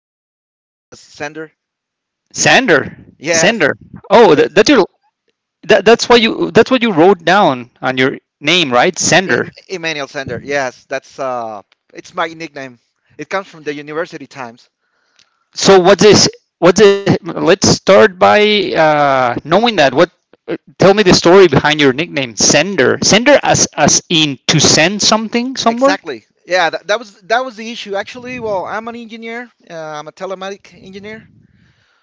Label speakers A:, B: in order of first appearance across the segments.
A: Everybody knows me as Sender.
B: Sander,
A: Yes,
B: Sander. Oh,
A: E-
B: that's your that's what you wrote down on your name, right? Sander.
A: Emmanuel Sender. Yes, that's it's my nickname. It comes from the university times.
B: So, what's this? What's it? Let's start by knowing that. What? Tell me the story behind your nickname, Sender. Sender, as in to send something somewhere.
A: Exactly. Yeah, that was the issue. Actually, well, I'm an engineer. I'm a telematic engineer.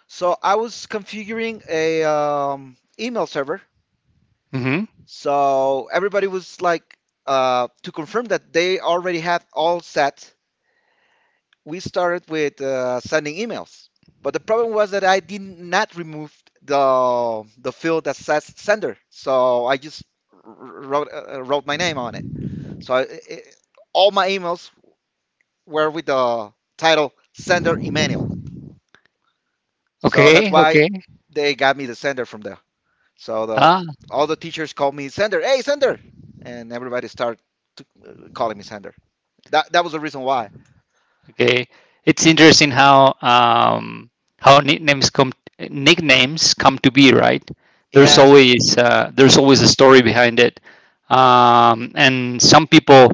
A: So I was configuring a email server.
B: hmm
A: So everybody was like to confirm that they already had all set. We started with sending emails. But the problem was that I did not remove the field that says sender, so I just wrote wrote my name on it. So all my emails were with the title sender Emmanuel. So
B: Okay,
A: that's why
B: okay.
A: they got me the sender from there. So the
B: Ah,
A: all the teachers called me sender. Hey sender, and everybody started to calling me sender. That was the reason why.
B: okay. It's interesting how nicknames come to be, right?
A: Yes,
B: There's always a story behind it. And some people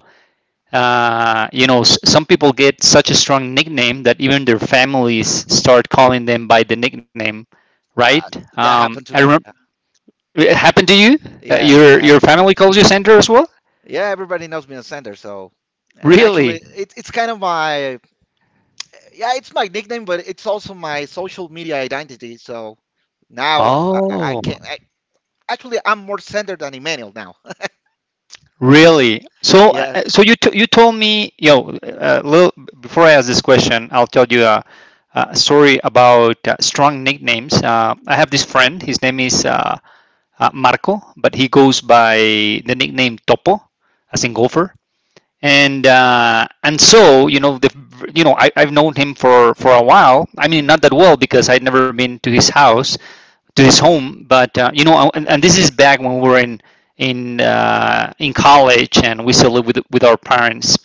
B: you know, some people get such a strong nickname that even their families start calling them by the nickname, right?
A: uh, that
B: I
A: happened to
B: remember
A: me.
B: it happened to you?
A: Yeah, it
B: Your
A: happens to me.
B: family calls you Sandra as well?
A: Yeah, everybody knows me as Sander, so and
B: Really?
A: actually it's kind of my yeah, it's my nickname, but it's also my social media identity. So now
B: Oh.
A: actually I'm more Sander than Emmanuel now.
B: Really? So,
A: Yeah,
B: so you told me, you know, little before I ask this question, I'll tell you a story about strong nicknames. I have this friend. His name is Marco, but he goes by the nickname Topo, as in golfer. And so you know the you know I've known him for a while. I mean, not that well because I'd never been to his house, to his home. But you know, and this is back when we were in college, and we still live with our parents.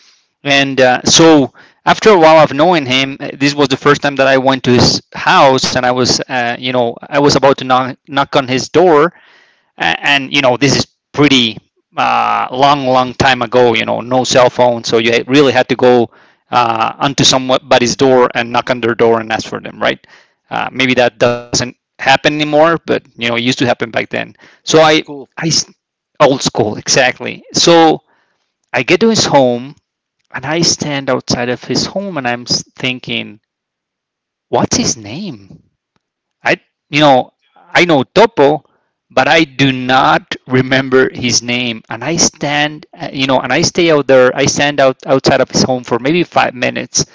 B: And so after a while of knowing him, this was the first time that I went to his house, and I was, you know, I was about to knock on his door, and you know this is pretty long, long time ago. You know, no cell phone, so you really had to go onto somebody's door and knock on their door and ask for them, right? Maybe that doesn't happen anymore, but you know, it used to happen back then. So I,
A: all school.
B: I old school exactly. So I get to his home and I stand outside of his home and I'm thinking, what's his name? I, you know, I know Topo, but I do not remember his name. And I stand, you know, and I stay out there. I stand out outside of his home for maybe 5 minutes,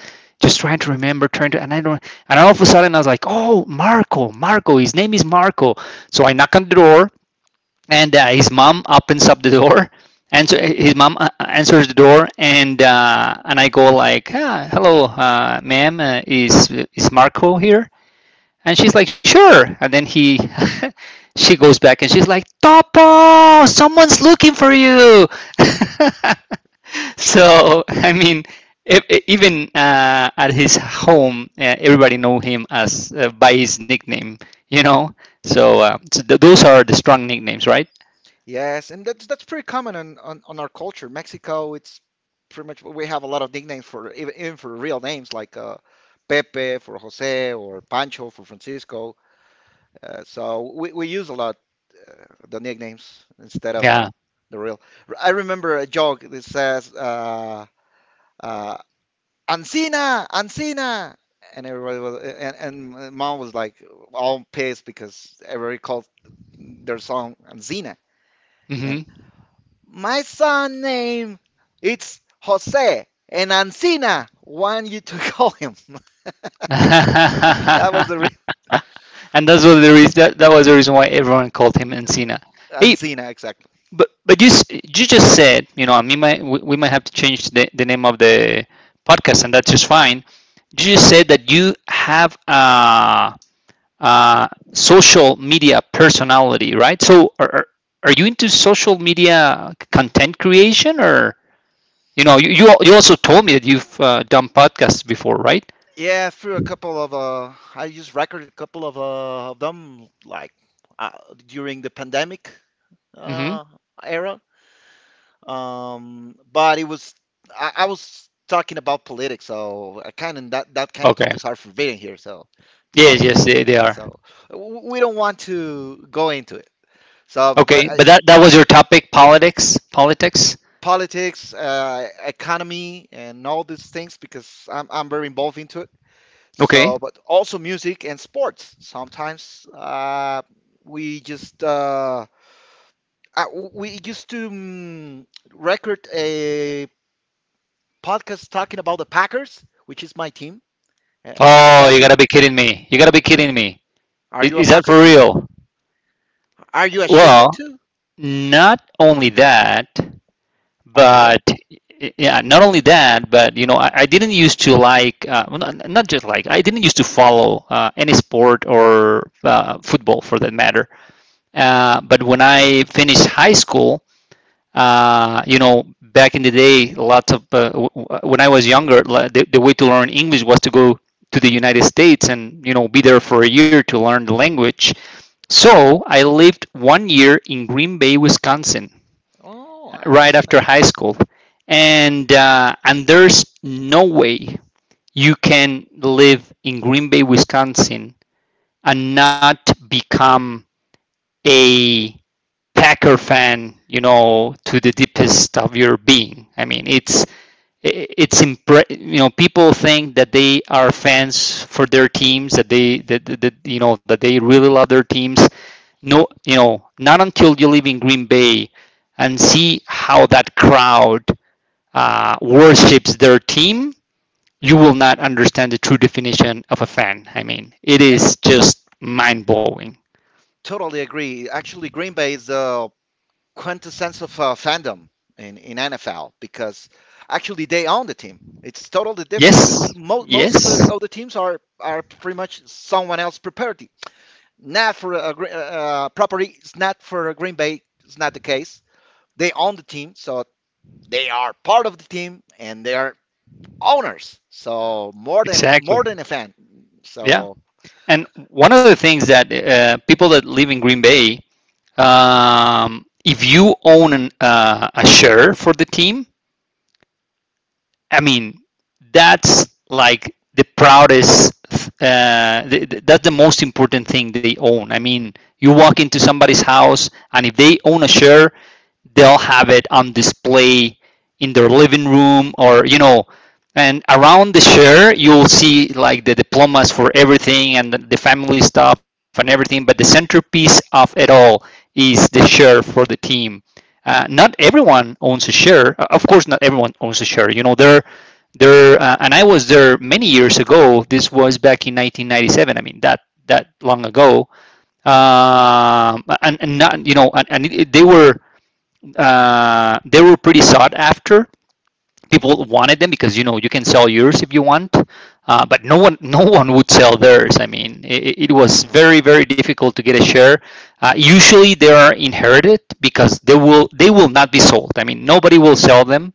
B: just trying to remember, and I don't. And all of a sudden, I was like, "Oh, Marco, Marco, his name is Marco." So I knock on the door, and his mom opens up the door. Answer his mom answers the door, and I go like, ah, "Hello, ma'am, is Marco here?" And she's like, sure. And then he, she goes back and she's like, Topo, someone's looking for you. So, I mean, even at his home, everybody know him as by his nickname, you know? So, so those are the strong nicknames, right?
A: Yes, and that's pretty common on our culture. Mexico, it's pretty much we have a lot of nicknames for even for real names like Pepe for Jose or Pancho for Francisco. So we use a lot uh, the nicknames instead of
B: Yeah.
A: the real. I remember a joke that says uh, "Ancina, Ancina," and everybody was and mom was like all pissed because everybody called their song Ancina, and
B: hmm
A: my son name it's Jose, and Ancina want you to call him.
B: and
A: That was the real
B: that's what the reason, that was the reason why everyone called him Encina. Hey,
A: Ancina, exactly.
B: but you you just said you know I mean might, we, might have to change the name of the podcast and that's just fine. You just said that you have a social media personality, right? So are you into social media content creation or you know you also told me that you've done podcasts before, right?
A: Yeah, through a couple of I just recorded a couple of them like uh, during the pandemic
B: Mm-hmm.
A: uh, era. But it was I was talking about politics, so I kind of that kind of
B: Okay.
A: topics are forbidden here. So no,
B: Yes, yes, they are.
A: so we don't want to go into it. So, bu- but
B: Okay, but that that was your topic, politics, politics.
A: politics, economy, and all these things because I'm very involved into it.
B: Okay.
A: So, but also music and sports. Sometimes we just uh, we used to record a podcast talking about the Packers, which is my team,
B: Oh,
A: NFL
B: you gotta
A: team.
B: be kidding me! You gotta be kidding me!
A: Are you a
B: Is that
A: Packer
B: for
A: too?
B: real?
A: Are you a Cheesehead
B: Well,
A: too?
B: not only that,
A: Oh, for real?
B: but yeah, not only that, but you know, I didn't used to like, well, not, not just like, I didn't used to follow any sport or football for that matter. But when I finished high school, you know, back in the day, lots of when I was younger, the way to learn English was to go to the United States and you know be there for a year to learn the language. So I lived one year in Green Bay, Wisconsin,
A: Oh,
B: right after
A: excellent.
B: high school, and there's no way you can live in Green Bay, Wisconsin, and not become a Packer fan, you know, to the deepest of your being. I mean, it's impre- you know people think that they are fans for their teams that you know that they really love their teams, no, you know, not until you live in Green Bay and see how that crowd worships their team, you will not understand the true definition of a fan. I mean it is just mind-blowing.
A: Totally agree. Actually, Green Bay is the quintessence of fandom in NFL because actually they own the team. It's totally different
B: Yes,
A: because most of the
B: yes,
A: other teams are pretty much someone else property. Not for a, property. It's not for a Green Bay. It's not the case. They own the team, so they are part of the team and they are owners. So
B: exactly,
A: more than a fan.
B: yeah.
A: So
B: And one of the things that people that live in Green Bay, if you own a share for the team, I mean, that's like the proudest. That's the most important thing they own. I mean, you walk into somebody's house, and if they own a share, they'll have it on display in their living room, or you know, and around the share you'll see like the diplomas for everything and the family stuff and everything, but the centerpiece of it all is the share for the team. Uh, not everyone owns a share. Of course not everyone owns a share. You know, there and I was there many years ago. This was back in 1997. I mean, that, that long ago. And not, you know, and it, they were pretty sought after. People wanted them because you know you can sell yours if you want. Uh, but no one, no one would sell theirs. I mean, it was very very difficult to get a share. Uh, usually they are inherited because they will not be sold. I mean nobody will sell them.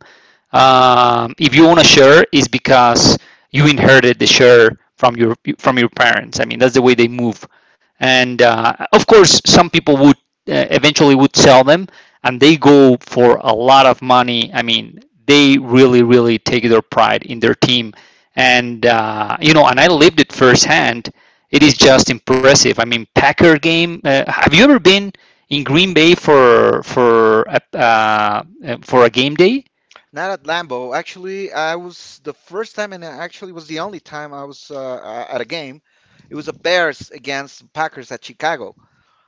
B: Um, if you own a share is because you inherited the share from your parents. I mean that's the way they move. And of course some people would eventually would sell them, and they go for a lot of money. I mean they really really take their pride in their team. And you know, and I lived it firsthand. It is just impressive. I mean packer game, have you ever been in Green Bay for for a game day?
A: not at Lambeau. Actually, I was the first time, and actually was the only time I was at a game. It was a Bears against Packers at Chicago.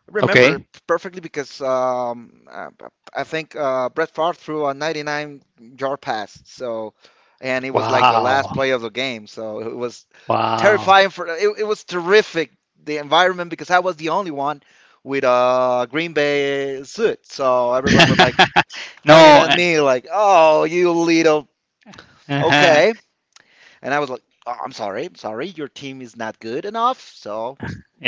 A: I
B: Okay.
A: remember perfectly because I think Brett Favre threw a 99-yard pass. So, and it was like the
B: Wow.
A: last play of the game. So it was
B: Wow.
A: terrifying for it was terrific the environment because I was the only one with a Green Bay suit. So everybody was like pointing
B: No,
A: at
B: uh,
A: me like, "Oh, you little
B: uh-huh.
A: okay." And I was like, oh, I'm sorry, your team is not good enough, so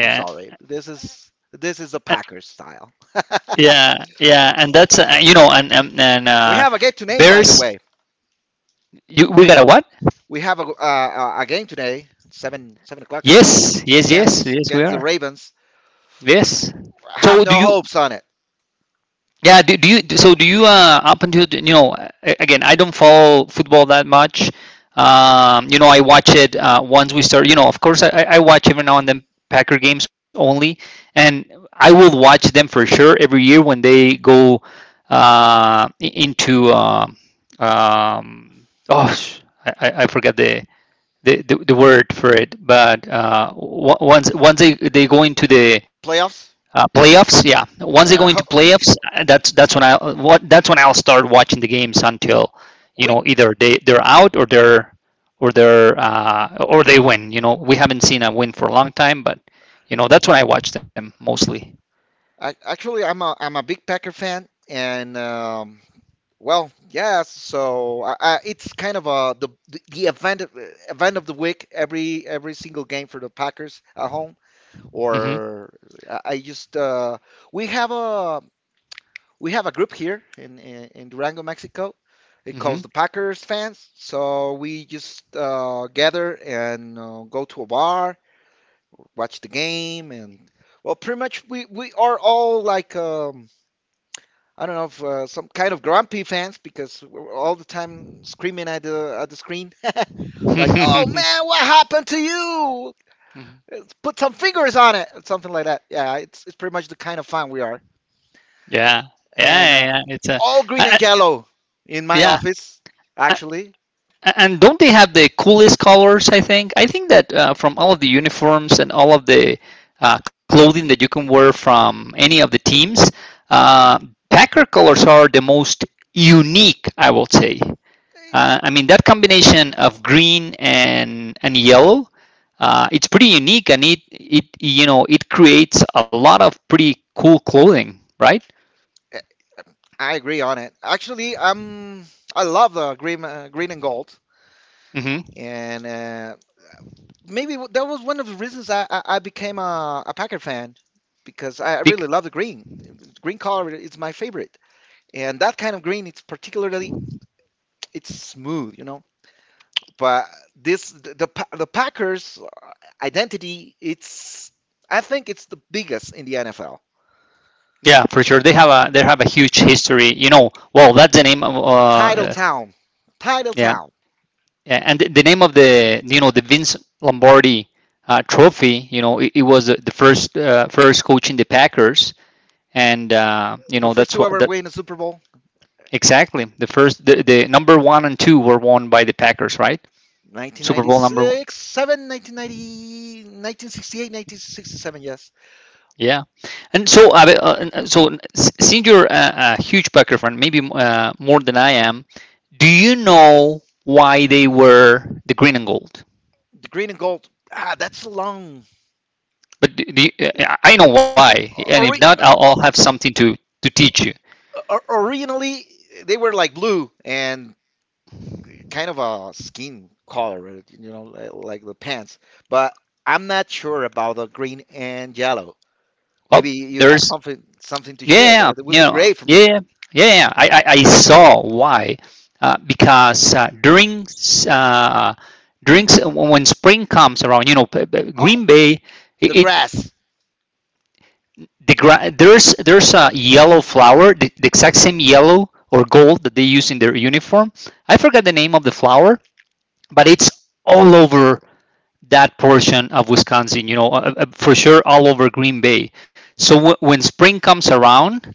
A: I'm sorry. This is the Packers style.
B: Yeah. Yeah. And that's you know, and and, and
A: We
B: uh
A: have a game to name, by the
B: Bears,
A: way.
B: you we got a what?
A: We have a game today, 7 7 o'clock, I think,
B: Yes. Yes, yes. Yes, we
A: against the
B: are.
A: Ravens.
B: Yes. So
A: Have
B: do
A: no
B: you,
A: hopes on it.
B: yeah, do you so do you up until you know again I don't follow football that much. You know I watch it once we start. You know of course I I watch every now and then Packer games only, and I will watch them for sure every year when they go into oh I, I forgot the, the the word for it, but once once they go into the
A: Playoffs.
B: playoffs, yeah. Once they go into
A: Ho-
B: playoffs, that's when I what that's when I'll start watching the games until you
A: we
B: know either they're out or they're or they win. You know, we haven't seen a win for a long time, but you know that's when I watch them mostly.
A: I, actually, I'm a big Packer fan, and well, yes. So it's kind of a the event of the week. Every single game for the Packers at home,
B: hmm
A: or I just we have a we have a group here in Durango, Mexico. It
B: hmm
A: calls the Packers fans. So we just gather and go to a bar, watch the game, and well, pretty much we are all like I don't know if some kind of grumpy fans because we're all the time screaming at the screen, like, "Oh man, what happened to you? Put some fingers on it," or something like that. Yeah, it's pretty much the kind of fan we are,
B: yeah.
A: and
B: Yeah, yeah, yeah. It's a
A: all green
B: I, I-
A: and yellow in my
B: yeah.
A: office. Actually,
B: And don't they have the coolest colors? I think. I think that from all of the uniforms and all of the clothing that you can wear from any of the teams, uh, Packer colors are the most unique, I will say. I mean that combination of green and yellow. It's pretty unique, and it you know it creates a lot of pretty cool clothing, right?
A: Eh, I agree on it. Actually, I love the green green and gold,
B: hmm
A: and maybe that was one of the reasons I became a Packer fan because I
B: Bec-
A: really love the green. The Green color is my favorite, and that kind of green, it's particularly it's smooth, you know. But this the, Pa- the Packers identity, it's I think it's the biggest in the NFL.
B: yeah, for sure. They have a huge history. You know, well, that's the name of
A: Title town, title
B: yeah,
A: town.
B: yeah, and the name of the you know the Vince Lombardi Trophy, you know, it was the first first coach in the Packers, and you
A: The
B: know
A: first
B: that's
A: two
B: what
A: ever
B: that
A: win a Super Bowl.
B: exactly the first the number one and two were won by the Packers, right? Super Bowl number one.
A: 1996, 1968, 1967. Yes.
B: Yeah, and so so since you're a huge Packer fan, maybe more than I am, do you know why they were the green and gold?
A: The green and gold, ah, that's a long
B: But do you, I know
A: because
B: why, and if
A: ori-
B: not, I'll have something to teach you.
A: originally they were like blue and kind of a skin color, right? You know, like the pants. But I'm not sure about the green and yellow.
B: Well,
A: Maybe you have
B: there's
A: something to share.
B: yeah,
A: That
B: you
A: would be
B: know,
A: great for
B: yeah,
A: me.
B: yeah. Yeah, yeah, yeah. I saw why, because uh, during when spring comes around,
A: Oh,
B: Green Bay,
A: the
B: it
A: grass,
B: the gra- there's a yellow flower, the exact same yellow or gold that they use in their uniform. I forgot the name of the flower, but it's all over that portion of Wisconsin, for sure all over Green Bay. So when spring comes around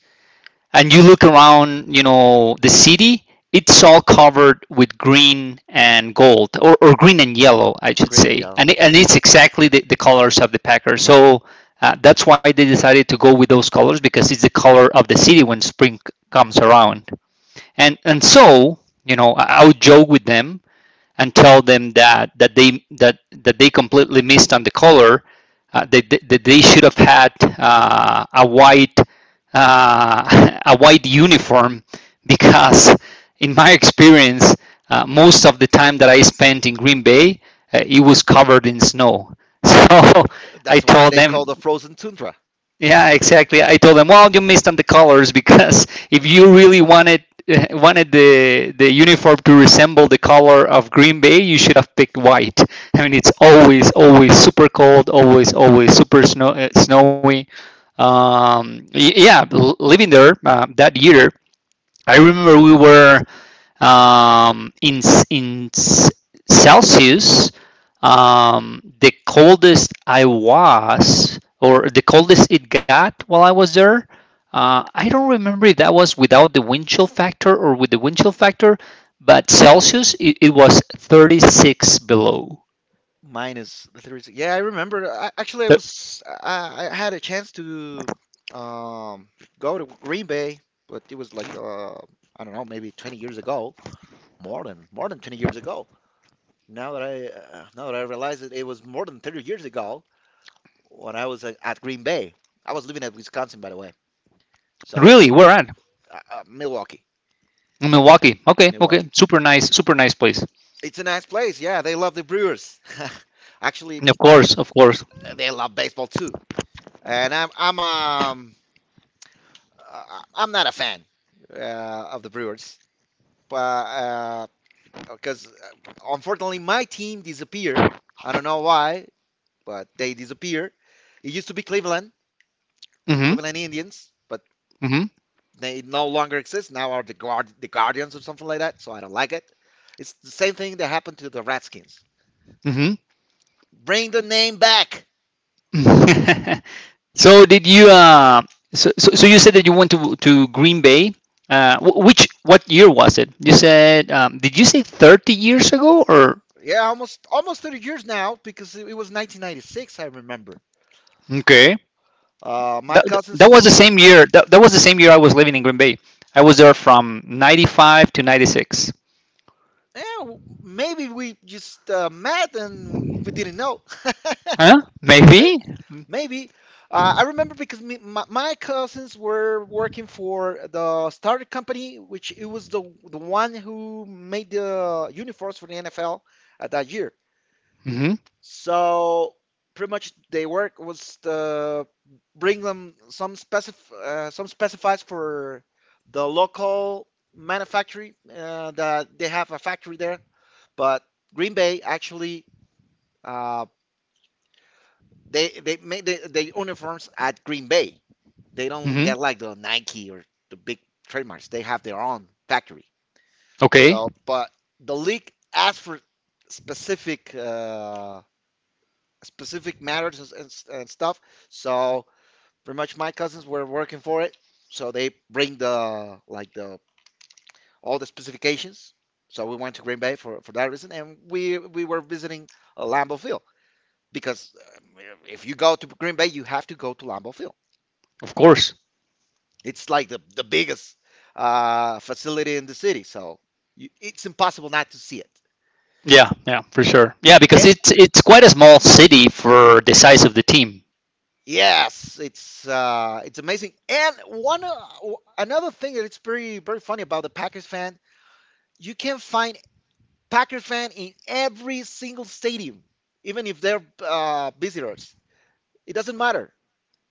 B: and you look around, the city, it's all covered with green and gold, or green and yellow, I should
A: green and
B: say.
A: yellow.
B: And it's exactly the colors of the Packers. So that's why they decided to go with those colors, because it's the color of the city when spring comes around. And so, I would joke with them and tell them that they completely missed on the color, that they should have had, a white, a white uniform because in my experience, most of the time that I spent in Green Bay, it was covered in snow. So I
A: That's why
B: told
A: they call the
B: them,
A: frozen tundra.
B: yeah, exactly. I told them, well, you missed on the colors because if you really wanted wanted the uniform to resemble the color of Green Bay, you should have picked white. I mean, it's always, always super cold, always, always super snowy. Yeah, living there, that year, I remember we were in in Celsius, the coldest I was, or the coldest it got while I was there. I don't remember if that was without the wind chill factor or with the wind chill factor, but Celsius, it was 36 below.
A: Mine is the Yeah, I remember. Actually, I had a chance to um go to Green Bay, but it was like I don't know, maybe 20 years ago, more than 20 years ago. Now that I realize it, it was more than 30 years ago when I was at Green Bay. I was living at Wisconsin, by the way. So
B: Really, where at?
A: Milwaukee,
B: In Milwaukee. Okay,
A: Milwaukee.
B: okay, super nice place.
A: It's a nice place. Yeah, they love the Brewers. Actually,
B: Of
A: but
B: course, of course.
A: they love baseball too. And I'm uh, I am not a fan of the Brewers, but because unfortunately my team disappeared. I don't know why, but they disappeared. It used to be Cleveland,
B: Mm-hmm.
A: Cleveland Indians, but
B: Mm-hmm.
A: they no longer exist. Now are the Guardians or something like that. So I don't like it. It's the same thing that happened to the Redskins.
B: Mm-hmm.
A: Bring the name back.
B: So did you so, so so you said that you went to Green Bay. Wh- which What year was it? You said Did you say 30 years ago, or?
A: Yeah, almost 30 years now because it was 1996. I remember.
B: Okay.
A: My
B: That
A: cousins used
B: was the
A: to work.
B: same year. That was the same year I was living in Green Bay. I was there from 95 to 96.
A: Yeah, maybe we just met and we didn't know.
B: Huh?
A: May-
B: Maybe?
A: Maybe. I remember because my cousins were working for the starter company, which it was the one who made the uniforms for the NFL at that year.
B: Mhm.
A: So pretty much their work was to bring them some specif some specifies for the local manufacturer that they have a factory there but Green Bay actually uh, they make the uniforms at Green Bay. They don't
B: Mhm.
A: get like the Nike or the big trademarks. They have their own factory.
B: Okay.
A: So, but the league asked for specific uh, specific matters and, stuff. So pretty much my cousins were working for it. So they bring the like the all the specifications. So we went to Green Bay for that reason, and we were visiting Lambeau Field. Because if you go to Green Bay, you have to go to Lambeau Field.
B: Of course.
A: It's like the biggest facility in the city, so it's impossible not to see it.
B: Yeah, yeah, for sure. Yeah, because
A: Eh,
B: it's quite a small city for the size of the team.
A: yes, it's amazing. And one another thing that it's pretty very funny about the Packers fan, you can find Packers fan in every single stadium, even if they're visitors. It doesn't matter.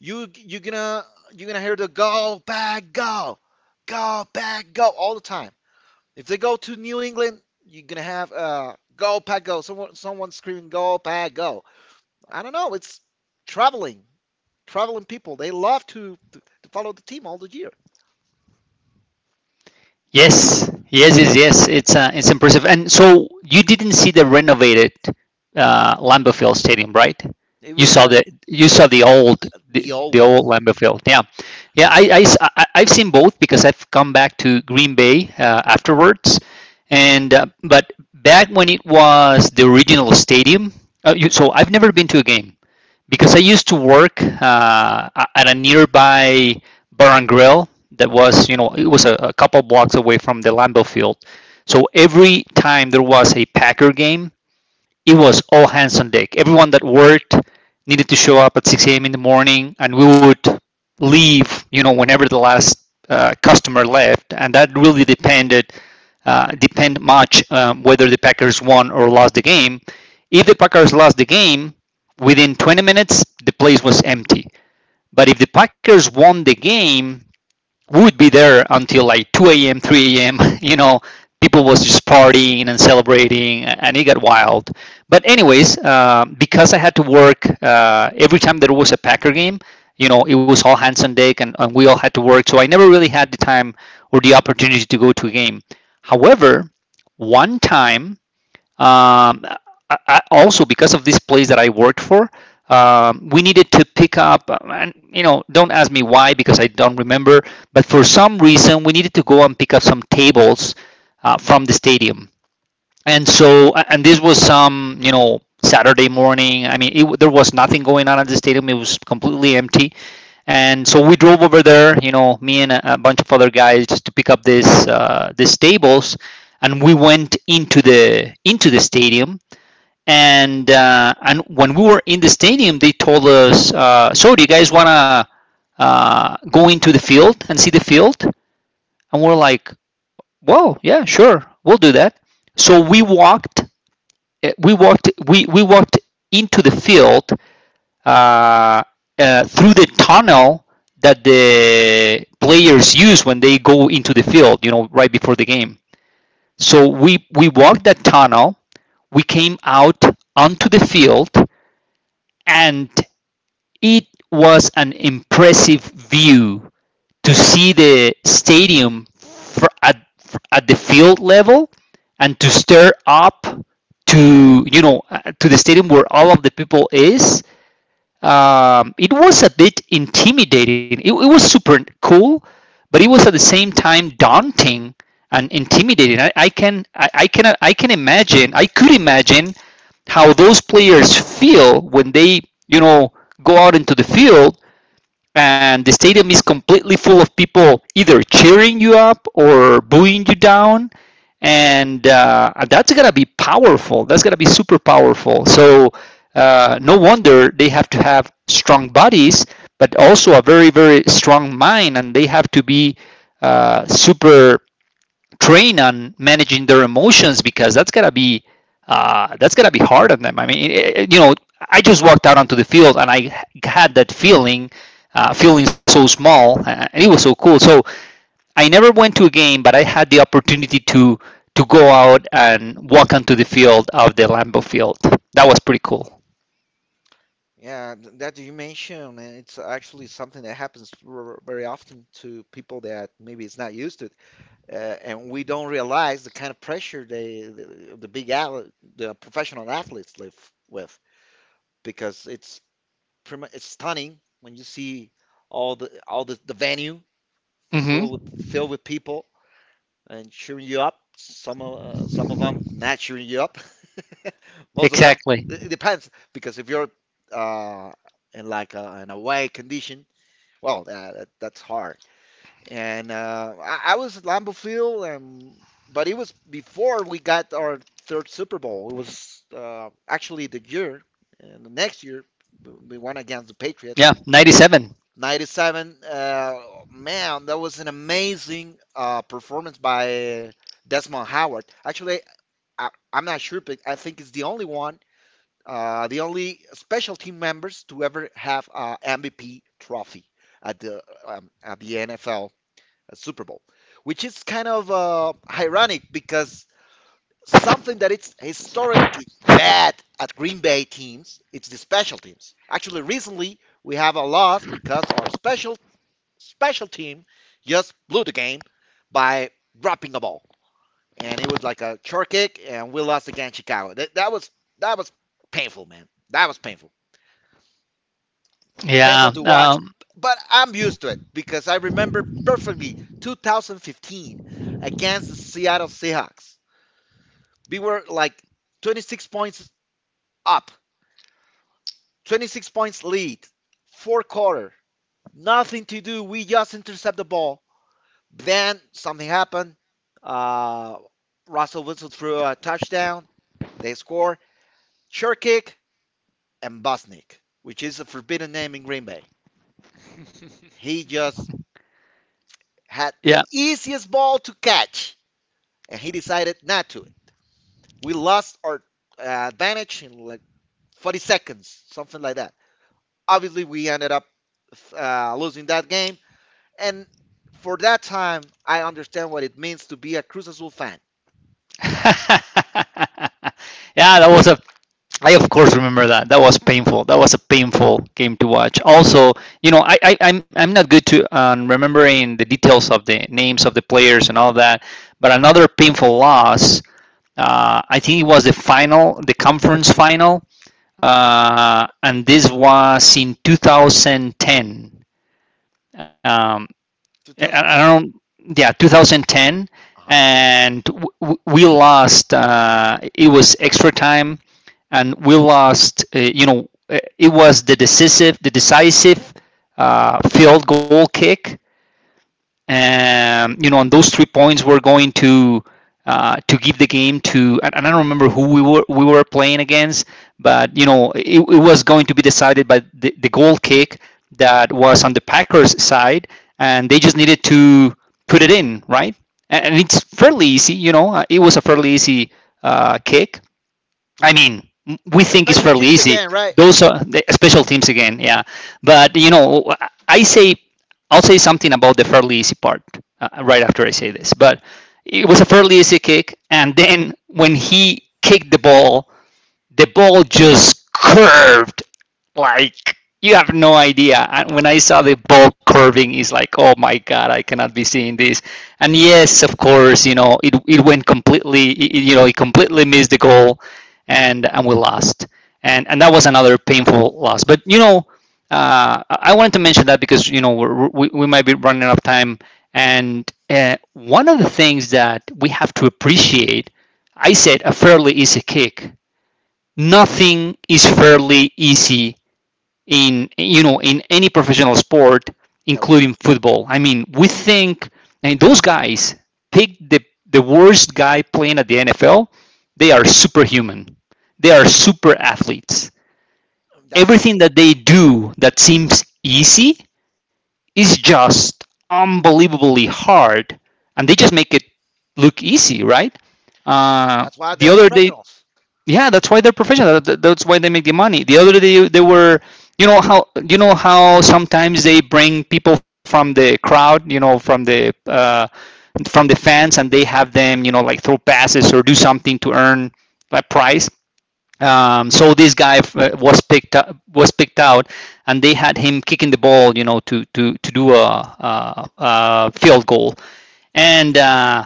A: You're gonna you're gonna hear the go back go all the time. If they go to New England, you're gonna have go pack go. Someone screaming go pack go. I don't know. It's traveling, traveling people. They love to to follow the team all the year.
B: Yes, yes, yes, yes. It's impressive. And so you didn't see the renovated, Lambeau Field Stadium, right?
A: It
B: You
A: was
B: saw
A: like
B: the
A: the old
B: old
A: one.
B: Lambeau Field. Yeah, yeah. I have seen both because I've come back to Green Bay, afterwards, and, but back when it was the original stadium. So I've never been to a game because I used to work, at a nearby bar and grill that was, it was a couple blocks away from the Lambeau Field. So every time there was a Packer game, it was all hands on deck. Everyone that worked needed to show up at 6 a.m. in the morning, and we would leave, whenever the last customer left, and that really depended depend much whether the Packers won or lost the game. If the Packers lost the game, within 20 minutes the place was empty. But if the Packers won the game, we would be there until like 2 a.m., 3 a.m. You know, people was just partying and celebrating, and it got wild. But anyways, because I had to work every time there was a Packer game, it was all hands on deck, and we all had to work. So I never really had the time or the opportunity to go to a game. However, one time, um, I also, because of this place that I worked for, we needed to pick up, and don't ask me why because I don't remember, but for some reason, we needed to go and pick up some tables from the stadium. And so and this was some, Saturday morning. I mean, there was nothing going on at the stadium, it was completely empty. And so we drove over there, you know, me and a bunch of other guys, just to pick up this these tables. And we went into the stadium. And when we were in the stadium, they told us, so do you guys want to, go into the field and see the field? And we're like, whoa, yeah, sure, we'll do that. So we walked we walked we walked into the field, uh, through the tunnel that the players use when they go into the field, right before the game. So we walked that tunnel, we came out onto the field. And it was an impressive view, to see the stadium at the field level, and to stare up to, the stadium where all of the people is. Um, it was a bit intimidating, it was super cool, but it was at the same time daunting and intimidating. I could imagine how those players feel when they, you know go out into the field and the stadium is completely full of people either cheering you up or booing you down. And that's gonna be powerful, that's gonna be super powerful. So no wonder they have to have strong bodies but also a very, very strong mind, and they have to be super train on managing their emotions because that's gotta be, that's gotta be hard on them. I mean, you know, I just walked out onto the field and I had that feeling, feeling so small, and it was so cool. So I never went to a game, but I had the opportunity to go out and walk onto the field of the Lambeau Field. That was pretty cool.
A: Yeah, that you mentioned, and it's actually something that happens very often to people that maybe it's not used to it, uh, and we don't realize the kind of pressure they the big al the professional athletes live with because it's pretty much, it's stunning when you see all the venue
B: Hmm.
A: full with filled with people and cheering you up. Some of them not cheering you up. Most of them
B: Exactly.
A: it depends because if you're uh, in like an away condition, well, that's hard. And I was at Lambeau Field, and but it was before we got our third Super Bowl. It was actually the year, and the next year we won against the
B: Yeah,
A: Patriots.
B: 97.
A: '97, man, that was an amazing performance by Desmond Howard. Actually, I'm not sure, but I think it's the only one, the only special team members to ever have an MVP trophy at the at the NFL Super Bowl, which is kind of ironic because something that it's historically bad at Green Bay teams it's the special teams. Actually, recently we have a loss because our special team just blew the game by dropping the ball, and it was like a short kick, and we lost against Chicago. That was that was painful, man. That was painful, painful
B: Yeah.
A: to watch. But I'm used to it because I remember perfectly 2015 against the Seattle Seahawks. We were like 26 points up, 26 points lead, fourth quarter, nothing to do. We just intercept the ball. Then something happened. Uh, Russell Wilson threw a touchdown. They score. Cherkik and Busnick, which is a forbidden name in Green Bay. He just had the
B: Yeah.
A: easiest ball to catch, and he decided not to. We lost our advantage in like 40 seconds, something like that. Obviously, we ended up losing that game, and for that time, I understand what it means to be a Cruz Azul fan.
B: yeah, that was a I of course remember that. That was painful. That was a painful game to watch. Also, you know, I'm not good to, remembering the details of the names of the players and all that. But another painful loss. I think it was the final, the conference final, and this was in 2010. Um, I
A: 2000,
B: don't. Yeah, 2010,
A: uh-huh.
B: and we lost. It was extra time and we lost. You know, it was the decisive, the decisive field goal kick, and, you know, and those 3 points were going to, give the game to. And I don't remember who we were playing against, but, you know, it was going to be decided by the goal kick that was on the Packers side, and they just needed to put it in, right? And it's fairly easy, you know. It was a fairly easy kick. I mean, we think it's
A: Special
B: fairly
A: teams
B: easy.
A: again, right?
B: Those are the special teams again, yeah. But, you know, I say I'll say something about the fairly easy part, right after I say this. But it was a fairly easy kick, and then when he kicked the ball just curved, like, you have no idea. And when I saw the ball curving, it's like, oh my god, I cannot be seeing this. And yes, of course, you know, it went completely, you know, it completely missed the goal, and we lost. And that was another painful loss. But, you know, I wanted to mention that because, you know, we might be running out of time. And, one of the things that we have to appreciate, I said, a fairly easy kick. Nothing is fairly easy in, any professional sport,
A: No,
B: including football. I mean, we think, and those guys pick the worst guy playing at the NFL. They are superhuman. They are super athletes. Everything
A: definitely.
B: that they do that seems easy is just unbelievably hard, and they just make it look easy, right? Uh,
A: That's why
B: the
A: they're
B: other day,
A: professionals.
B: yeah, that's why they're professional. That's why they make the money. The other day they were, you know how, you know how sometimes they bring people from the crowd, you know, from the fans, and they have them, you know, like throw passes or do something to earn a prize. So this guy was picked up, was picked out, and they had him kicking the ball, you know, to do a field goal. And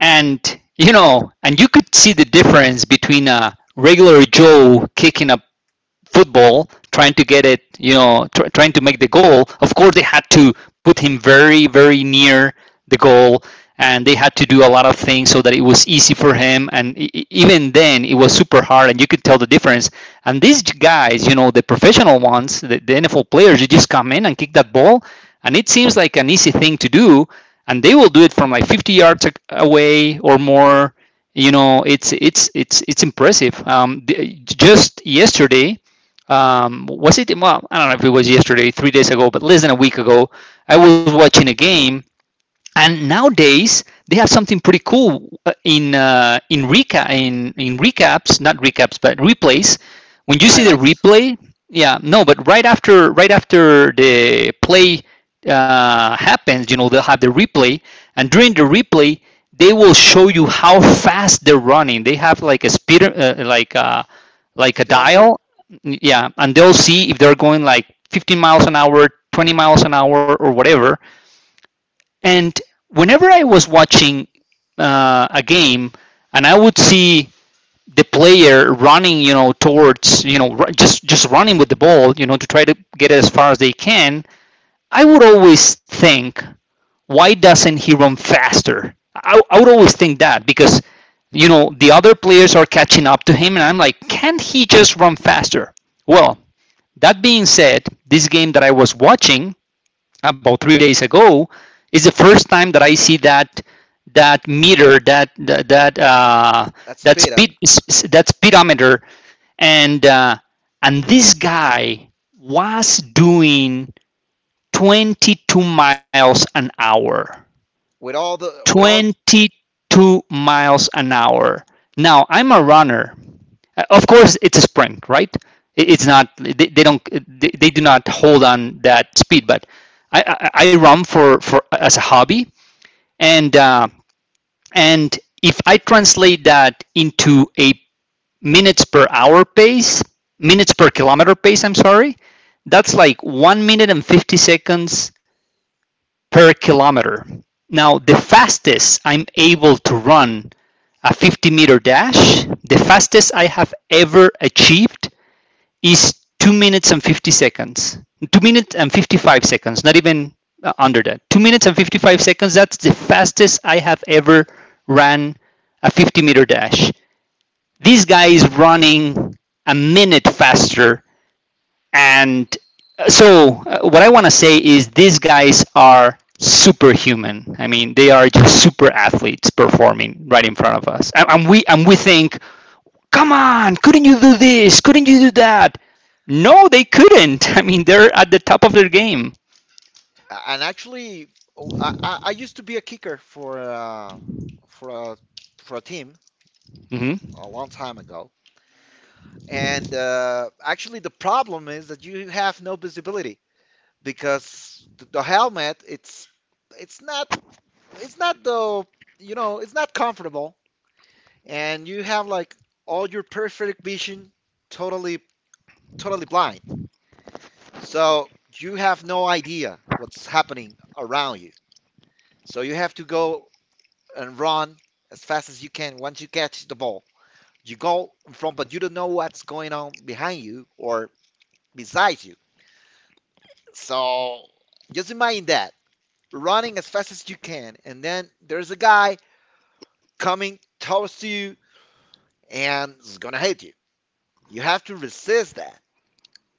B: and you know, and you could see the difference between a regular Joe kicking a football, trying to get it, you know, trying to make the goal. Of course, they had to put him very, very near the goal, and they had to do a lot of things so that it was easy for him. And even then, it was super hard, and you could tell the difference. And these guys, you know, the professional ones, the NFL players, you just come in and kick that ball, and it seems like an easy thing to do. And they will do it from like 50 yards away or more. You know, it's impressive. Just yesterday, was it? Well, I don't know if it was yesterday, 3 days ago, but less than a week ago, I was watching a game, and nowadays they have something pretty cool in recap, in recaps, not recaps but replays, when you see the
A: Highlights,
B: replay. Yeah, no, but right after, right after the play happens, you know, they'll have the replay, and during the replay they will show you how fast they're running. They have like a speed, like a, like a
A: speedometer,
B: dial. Yeah, and they'll see if they're going like 15 miles an hour, 20 miles an hour, or whatever. And whenever I was watching a game, and I would see the player running, you know, towards, you know, just running with the ball, you know, to try to get it as far as they can, I would always think, why doesn't he run faster? I would always think that because, you know, the other players are catching up to him, and I'm like, can't he just run faster? Well, that being said, this game that I was watching about 3 days ago is the first time that I see that, that meter, that
A: that's
B: that
A: speed.
B: speed, that speedometer. And and this guy was doing 22 miles an hour,
A: With all
B: 22 miles an hour. Now, I'm a runner. Of course, it's a sprint, right? It's not, they don't, they do not hold on that speed. But I run for as a hobby, and and if I translate that into a minutes per hour pace, minutes per kilometer pace, I'm sorry, that's like 1 minute and 50 seconds per kilometer. Now, the fastest I'm able to run a 50-meter dash, the fastest I have ever achieved is 2 minutes and 50 seconds, 2 minutes and 55 seconds, not even under that. 2 minutes and 55 seconds, that's the fastest I have ever ran a 50-meter dash. This guy is running a minute faster. And what I want to say is these guys are superhuman. I mean, they are just super athletes performing right in front of us. And we think, come on, couldn't you do this? Couldn't you do that? No, they couldn't. I mean, they're at the top of their game.
A: and actually, oh, I used to be a kicker for for a for a team
B: Hmm.
A: a long time ago. And actually, the problem is that you have no visibility because the helmet, it's not it's not the you know, it's not comfortable, and you have like all your perfect vision totally totally blind. So you have no idea what's happening around you. So you have to go and run as fast as you can once you catch the ball. You go in front, but you don't know what's going on behind you or beside you. So just imagine that, running as fast as you can, and then there's a guy coming towards you and is gonna hit you. You have to resist that.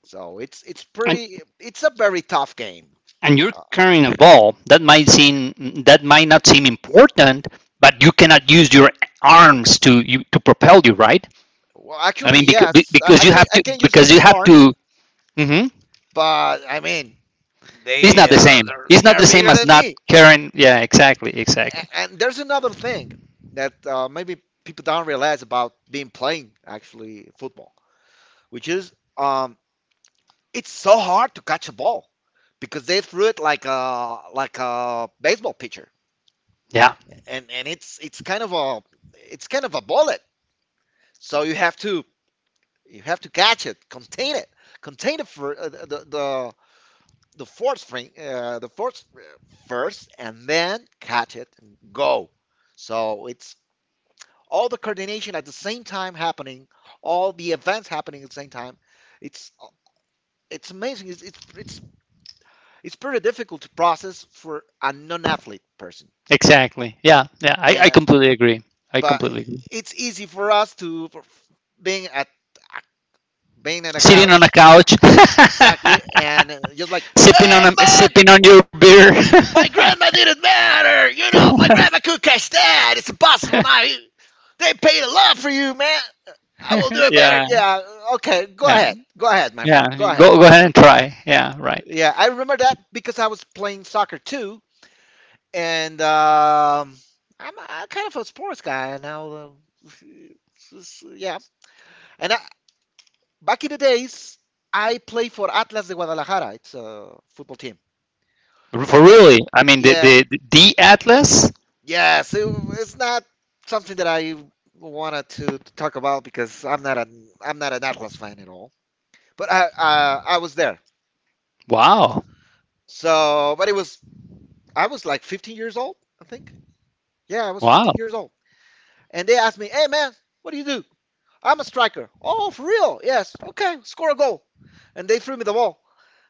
A: So it's it's
B: And
A: pretty it's a very tough game.
B: and
A: Uh,
B: you're carrying a ball that might seem, that might not seem important, but you cannot use your arms to you, to propel you, right?
A: well,
B: I
A: actually,
B: mean, because,
A: yes,
B: because
A: I
B: you
A: can
B: have to,
A: use a
B: because you
A: stiff
B: have
A: arm.
B: to. Hmm.
A: But I mean,
B: It's not
A: they
B: the same. It's not
A: they're
B: the same
A: bigger
B: as
A: than
B: not
A: me.
B: carrying. Yeah, exactly, exactly.
A: And there's another thing that maybe people don't realize about being playing actually football, which is it's so hard to catch a ball because they threw it like a baseball pitcher,
B: Yeah,
A: and it's kind of a, it's kind of a bullet. So you have to catch it, contain the the fourth spring, the fourth, first, and then catch it and go. So it's all the coordination at the same time happening, all the events happening at the same time. It's it's amazing. It's pretty difficult to process for a non-athlete person,
B: exactly. Yeah, yeah. I
A: and
B: completely agree. I
A: but
B: completely agree.
A: it's easy for us to for being at, being on a
B: Sitting on a
A: couch,
B: couch.
A: exactly, and just like,
B: Sipping
A: hey
B: on a,
A: man,
B: sipping on your beer.
A: my grandma didn't matter. You know, my grandma could catch that. It's impossible now. You- they paid a lot for you, man. I will do it better.
B: Yeah,
A: Yeah, okay. Go
B: yeah,
A: ahead. Go ahead, my
B: yeah.
A: friend. Go ahead.
B: Go ahead and try. Yeah, right.
A: Yeah, I remember that because I was playing soccer too, and I kind of a sports guy now. Yeah, and I, back in the days, I played for Atlas de Guadalajara. It's a football team,
B: For
A: and they,
B: really, I mean the
A: yeah,
B: the the Atlas.
A: yes, it, it's not something that I wanted to talk about because I'm not an Atlas fan at all. But I, I was there.
B: Wow,
A: So, but it was, I was like 15 years old, I think. Yeah, I was
B: wow.
A: 15 years old, and they asked me, "Hey man, what do you do?" I'm a striker. Oh, for real? Yes. Okay, score a goal. And they threw me the ball.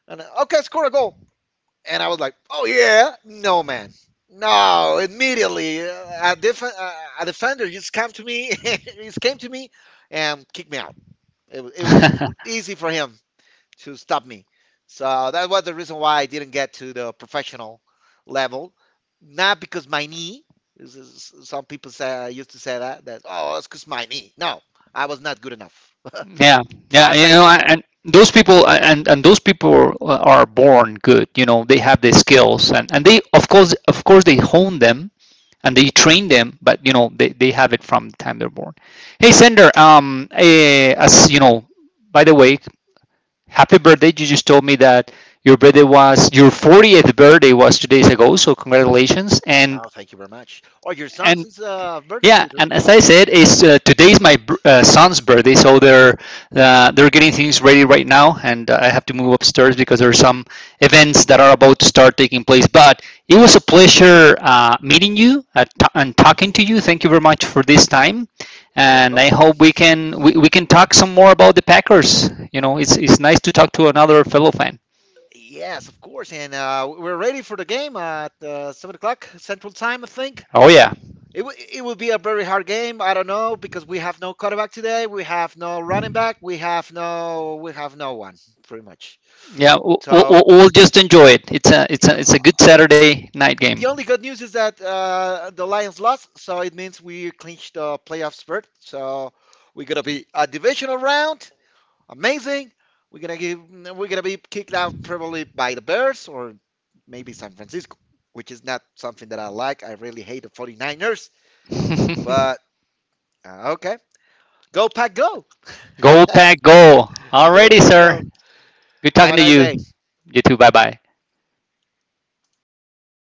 A: And okay, score a goal. And I was like, "Oh yeah, no man, no!" Immediately, a defender just came to me, he just came to me, and kicked me out. It was
B: Yeah,
A: easy for him to stop me, so that was the reason why I didn't get to the professional level. Not because my knee. This is- some people say used to say that, that oh, it's because my knee. No, I was not good enough.
B: yeah.
A: I
B: You
A: face
B: know,
A: it.
B: and those people, and those people are born good. You know, they have the skills, and they of course they hone them and they train them. But you know, they have it from the time they're born. Hey, Sender. As you know, by the way, happy birthday. You just told me that your 40th birthday was 2 days ago. So congratulations.
A: Oh, thank you very much. Oh, your son's
B: And
A: is, birthday
B: yeah,
A: today.
B: and as I said, it's today's my son's birthday, so they're getting things ready right now, and I have to
A: Oh,
B: move upstairs because there are some events that are about to start taking place. But it was a pleasure meeting you and talking to you. Thank you very much for this time,
A: you're
B: and
A: welcome.
B: I hope we can, we can talk some more about the Packers. You know, it's nice to talk to another fellow fan.
A: Yes, of course, and we're ready for the game at 7 o'clock Central Time, I think.
B: Oh yeah,
A: It will be a very hard game. I don't know because we have no quarterback today. We have no running back. We have no, one, pretty much.
B: yeah. We'll, we'll,
A: So
B: we'll just enjoy it. It's a, it's
A: yeah,
B: a it's a good Saturday night
A: the
B: game.
A: only good news is that the Lions lost, so it means we clinched the playoff berth. So we're gonna be a divisional round, amazing. We're gonna give we're gonna be kicked out probably by the Bears or maybe San Francisco, which is not something that I like. I really hate the Forty Niners. But okay. Go pack go.
B: Go Pack, go!
A: Go
B: Alrighty,
A: pack
B: sir.
A: go.
B: Good
A: Have
B: talking
A: a
B: to
A: nice
B: you.
A: day.
B: You too. Bye bye.